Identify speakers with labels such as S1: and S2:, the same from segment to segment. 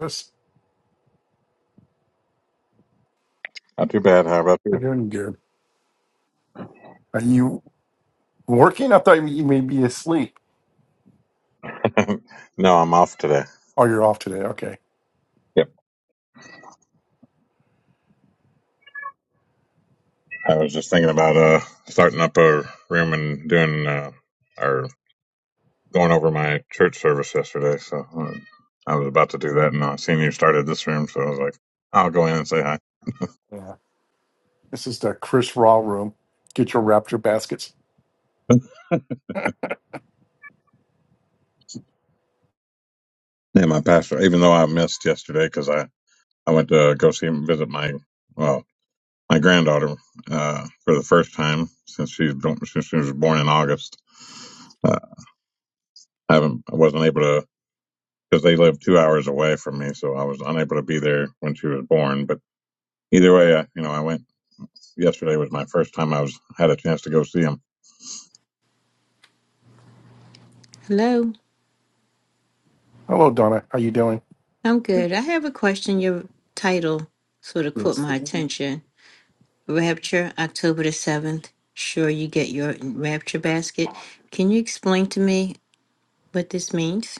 S1: Yes,
S2: Not too bad. How about
S1: I'm
S2: you?
S1: doing good. Are you working? I thought you may be asleep.
S2: no, I'm off today.
S1: Oh, you're off today. Okay.
S2: Yep. I was just thinking about uh starting up a room and doing uh or going over my church service yesterday. So uh, I was about to do that, and I seen you started this room, so I was like, I'll go in and say hi.
S1: Yeah. This is the Chris Raw room. Get your raptor baskets.
S2: Yeah, my pastor. Even though I missed yesterday because I I went to go see and visit my well my granddaughter uh for the first time since she's been- since she was born in August. Uh, I haven't I wasn't able to because they lived two hours away from me, so I was unable to be there when she was born. But either way, I, you know, I went. Yesterday was my first time I was had a chance to go see him.
S3: Hello,
S1: Hello, Donna. How you doing?
S3: I'm good. I have a question. Your title sort of caught
S1: Yes.
S3: my attention. Rapture, October the 7th. Sure, you get your rapture basket. Can you explain to me what this means?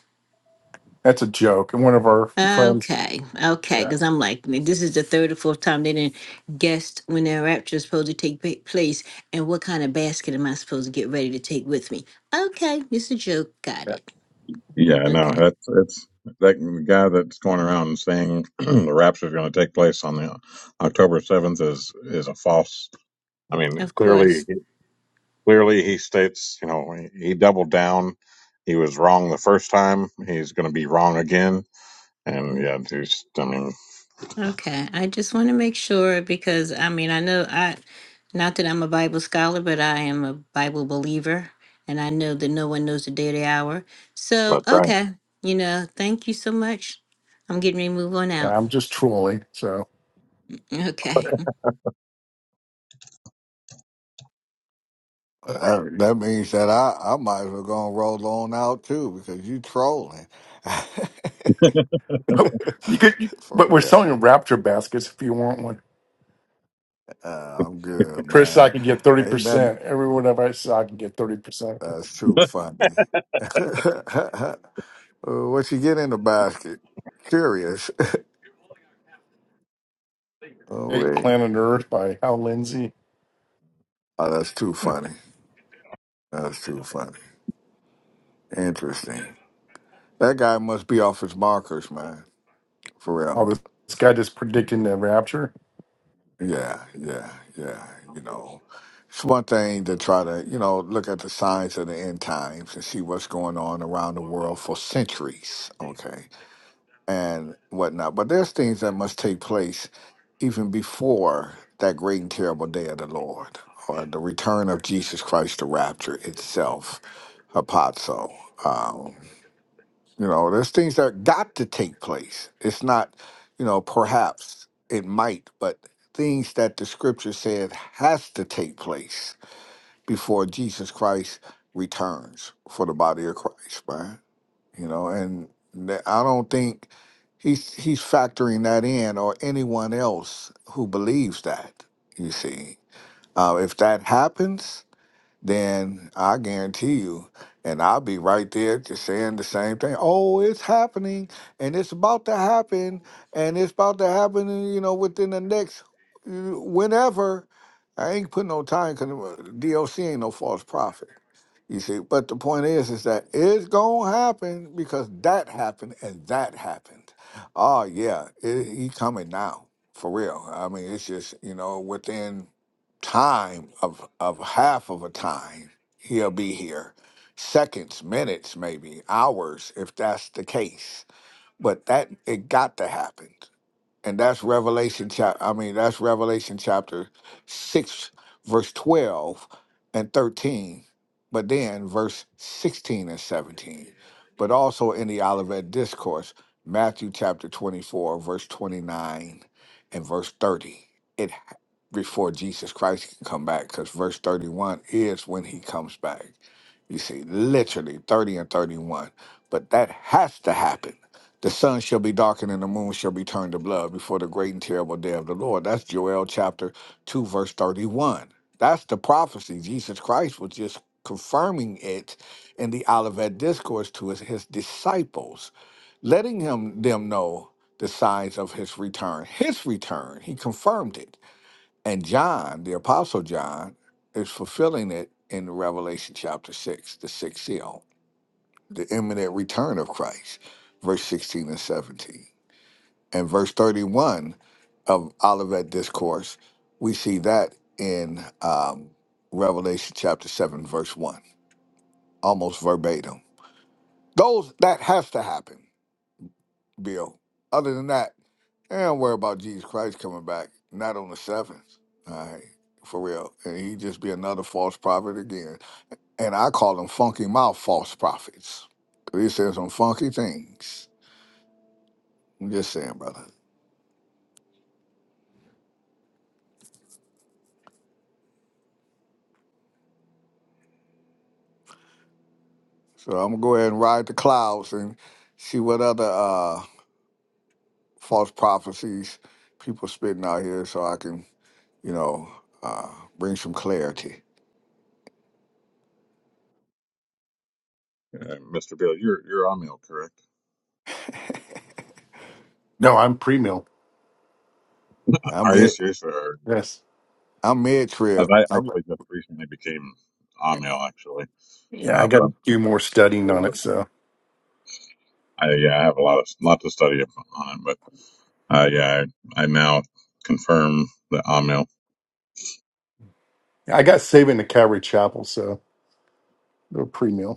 S1: That's a joke. And one of our friends.
S3: Okay, okay,
S1: Yeah.
S3: because I'm like, this is the third or fourth time they didn't guessed when their rapture is supposed to take pa- place and what kind of basket am I supposed to get ready to take with me. Okay, it's a joke. Got
S1: Yeah.
S3: it.
S2: Yeah, no,
S3: Okay,
S2: that's it's that guy that's going around and saying the rapture is going to take place on the October seventh is is a false. I mean,
S3: of course.
S2: clearly, clearly he states, you know, he, he doubled down. He was wrong the first time. He's going to be wrong again. And yeah, there's, I mean,
S3: Okay, I just want to make sure because I mean, I know I, not that I'm a Bible scholar, but I am a Bible believer, and I know that no one knows the day or the hour. So,
S2: that's right.
S3: okay, you know, thank you so much. I'm getting ready to move on
S1: yeah
S3: out.
S1: I'm just trolling. So,
S3: Okay.
S4: That, that means that I, I might as well go and roll on out too because you trolling.
S1: but you could. You, but
S4: For
S1: we're
S4: real.
S1: selling raptor baskets if you want one.
S4: Uh, I'm good,
S1: Chris, I
S4: man.
S1: could get thirty
S4: Ain't nothing
S1: percent. Every one of us, I can get thirty percent.
S4: that's too funny. Uh, what you get in the basket? Curious. Oh,
S1: Great
S4: wait.
S1: Planet Earth by Hal Lindsey.
S4: Oh, that's too funny. That's too funny. Interesting. That guy must be off his markers, man. For
S1: All
S4: real.
S1: this, this guy just predicting the rapture.
S4: Yeah, yeah, yeah. You know, it's one thing to try to, you know, look at the signs of the end times and see what's going on around the world for centuries, okay, and whatnot. But there's things that must take place even before that great and terrible day of the Lord or the return of Jesus Christ, the rapture itself, apazo. You know, there's things that got to take place. It's not, you know, perhaps it might, but things that the scripture said has to take place before Jesus Christ returns for the body of Christ, right? You know, and th- I don't think he's he's factoring that in or anyone else who believes that, you see. Uh, if that happens, then I guarantee you, and I'll be right there just saying the same thing. Oh, it's happening, and it's about to happen, and it's about to happen, uh, you know, within the next uh, whenever. I ain't putting no time because DOC ain't no false prophet. You see, but the point is, is that it's gonna happen because that happened and that happened. Oh yeah, it, he coming now for real. I mean, it's just you know within time of of half of a time he'll be here seconds minutes maybe hours if that's the case but that it got to happen and that's revelation chap i mean that's revelation chapter 6 verse 12 and 13 but then verse 16 and 17 but also in the olivet discourse matthew chapter 24 verse 29 and verse 30 it before jesus christ can come back because verse 31 is when he comes back you see literally 30 and 31 but that has to happen the sun shall be darkened and the moon shall be turned to blood before the great and terrible day of the Lord. That's Joel chapter 2, verse 31. That's the prophecy. Jesus Christ was just confirming it in the Olivet Discourse to his, his disciples, letting him them know the signs of his return. His return, he confirmed it. And John, the apostle John, is fulfilling it in Revelation chapter 6, the sixth seal, the imminent return of Christ, verse 16 and 17 and verse 31 of Olivet Discourse, we see that in um, Revelation chapter 7, verse 1, almost verbatim. Those That has to happen, Bill. Other than that, eh, don't worry about Jesus Christ coming back, not on the seventh. All right, for real. And he just be another false prophet again. And I call them funky mouth false prophets. 'Cause He says some funky things. I'm just saying, brother. So I'm gonna go ahead and ride the clouds and see what other uh, false prophecies people spitting out here, so I can, you know, uh, bring some clarity.
S2: Uh, Mr. Bill, you're you're on meal, correct?
S1: No, I'm pre-mill.
S4: I'm
S2: Are you
S4: mid,
S2: serious? Or,
S1: Yes.
S4: I'm mid
S2: 'cause
S4: trip.
S2: I
S4: I'm
S2: actually just recently became Amil, actually.
S1: Yeah, I
S2: Uh,
S1: got
S2: but I'm
S1: to do more studying
S2: still,
S1: on it. So
S2: I, yeah, I have a lot of lot to study up on it. But uh, yeah, I, I now confirm the Amil.
S1: I got saving to Calvary Chapel, so a pre meal.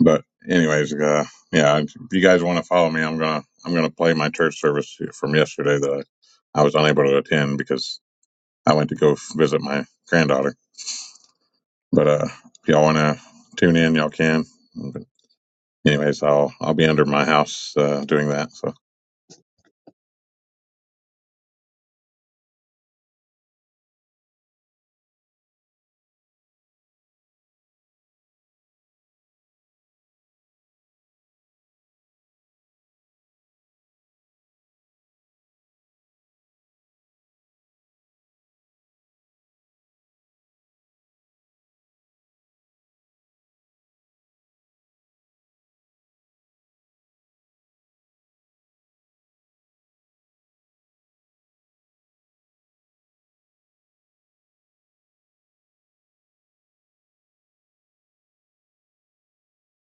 S2: But anyways, uh, yeah, if you guys want to follow me, I'm gonna I'm gonna play my church service from yesterday that I, I was unable to attend because I went to go visit my granddaughter. But uh, if y'all want to tune in, y'all can. But anyways, I'll I'll be under my house uh, doing that. So.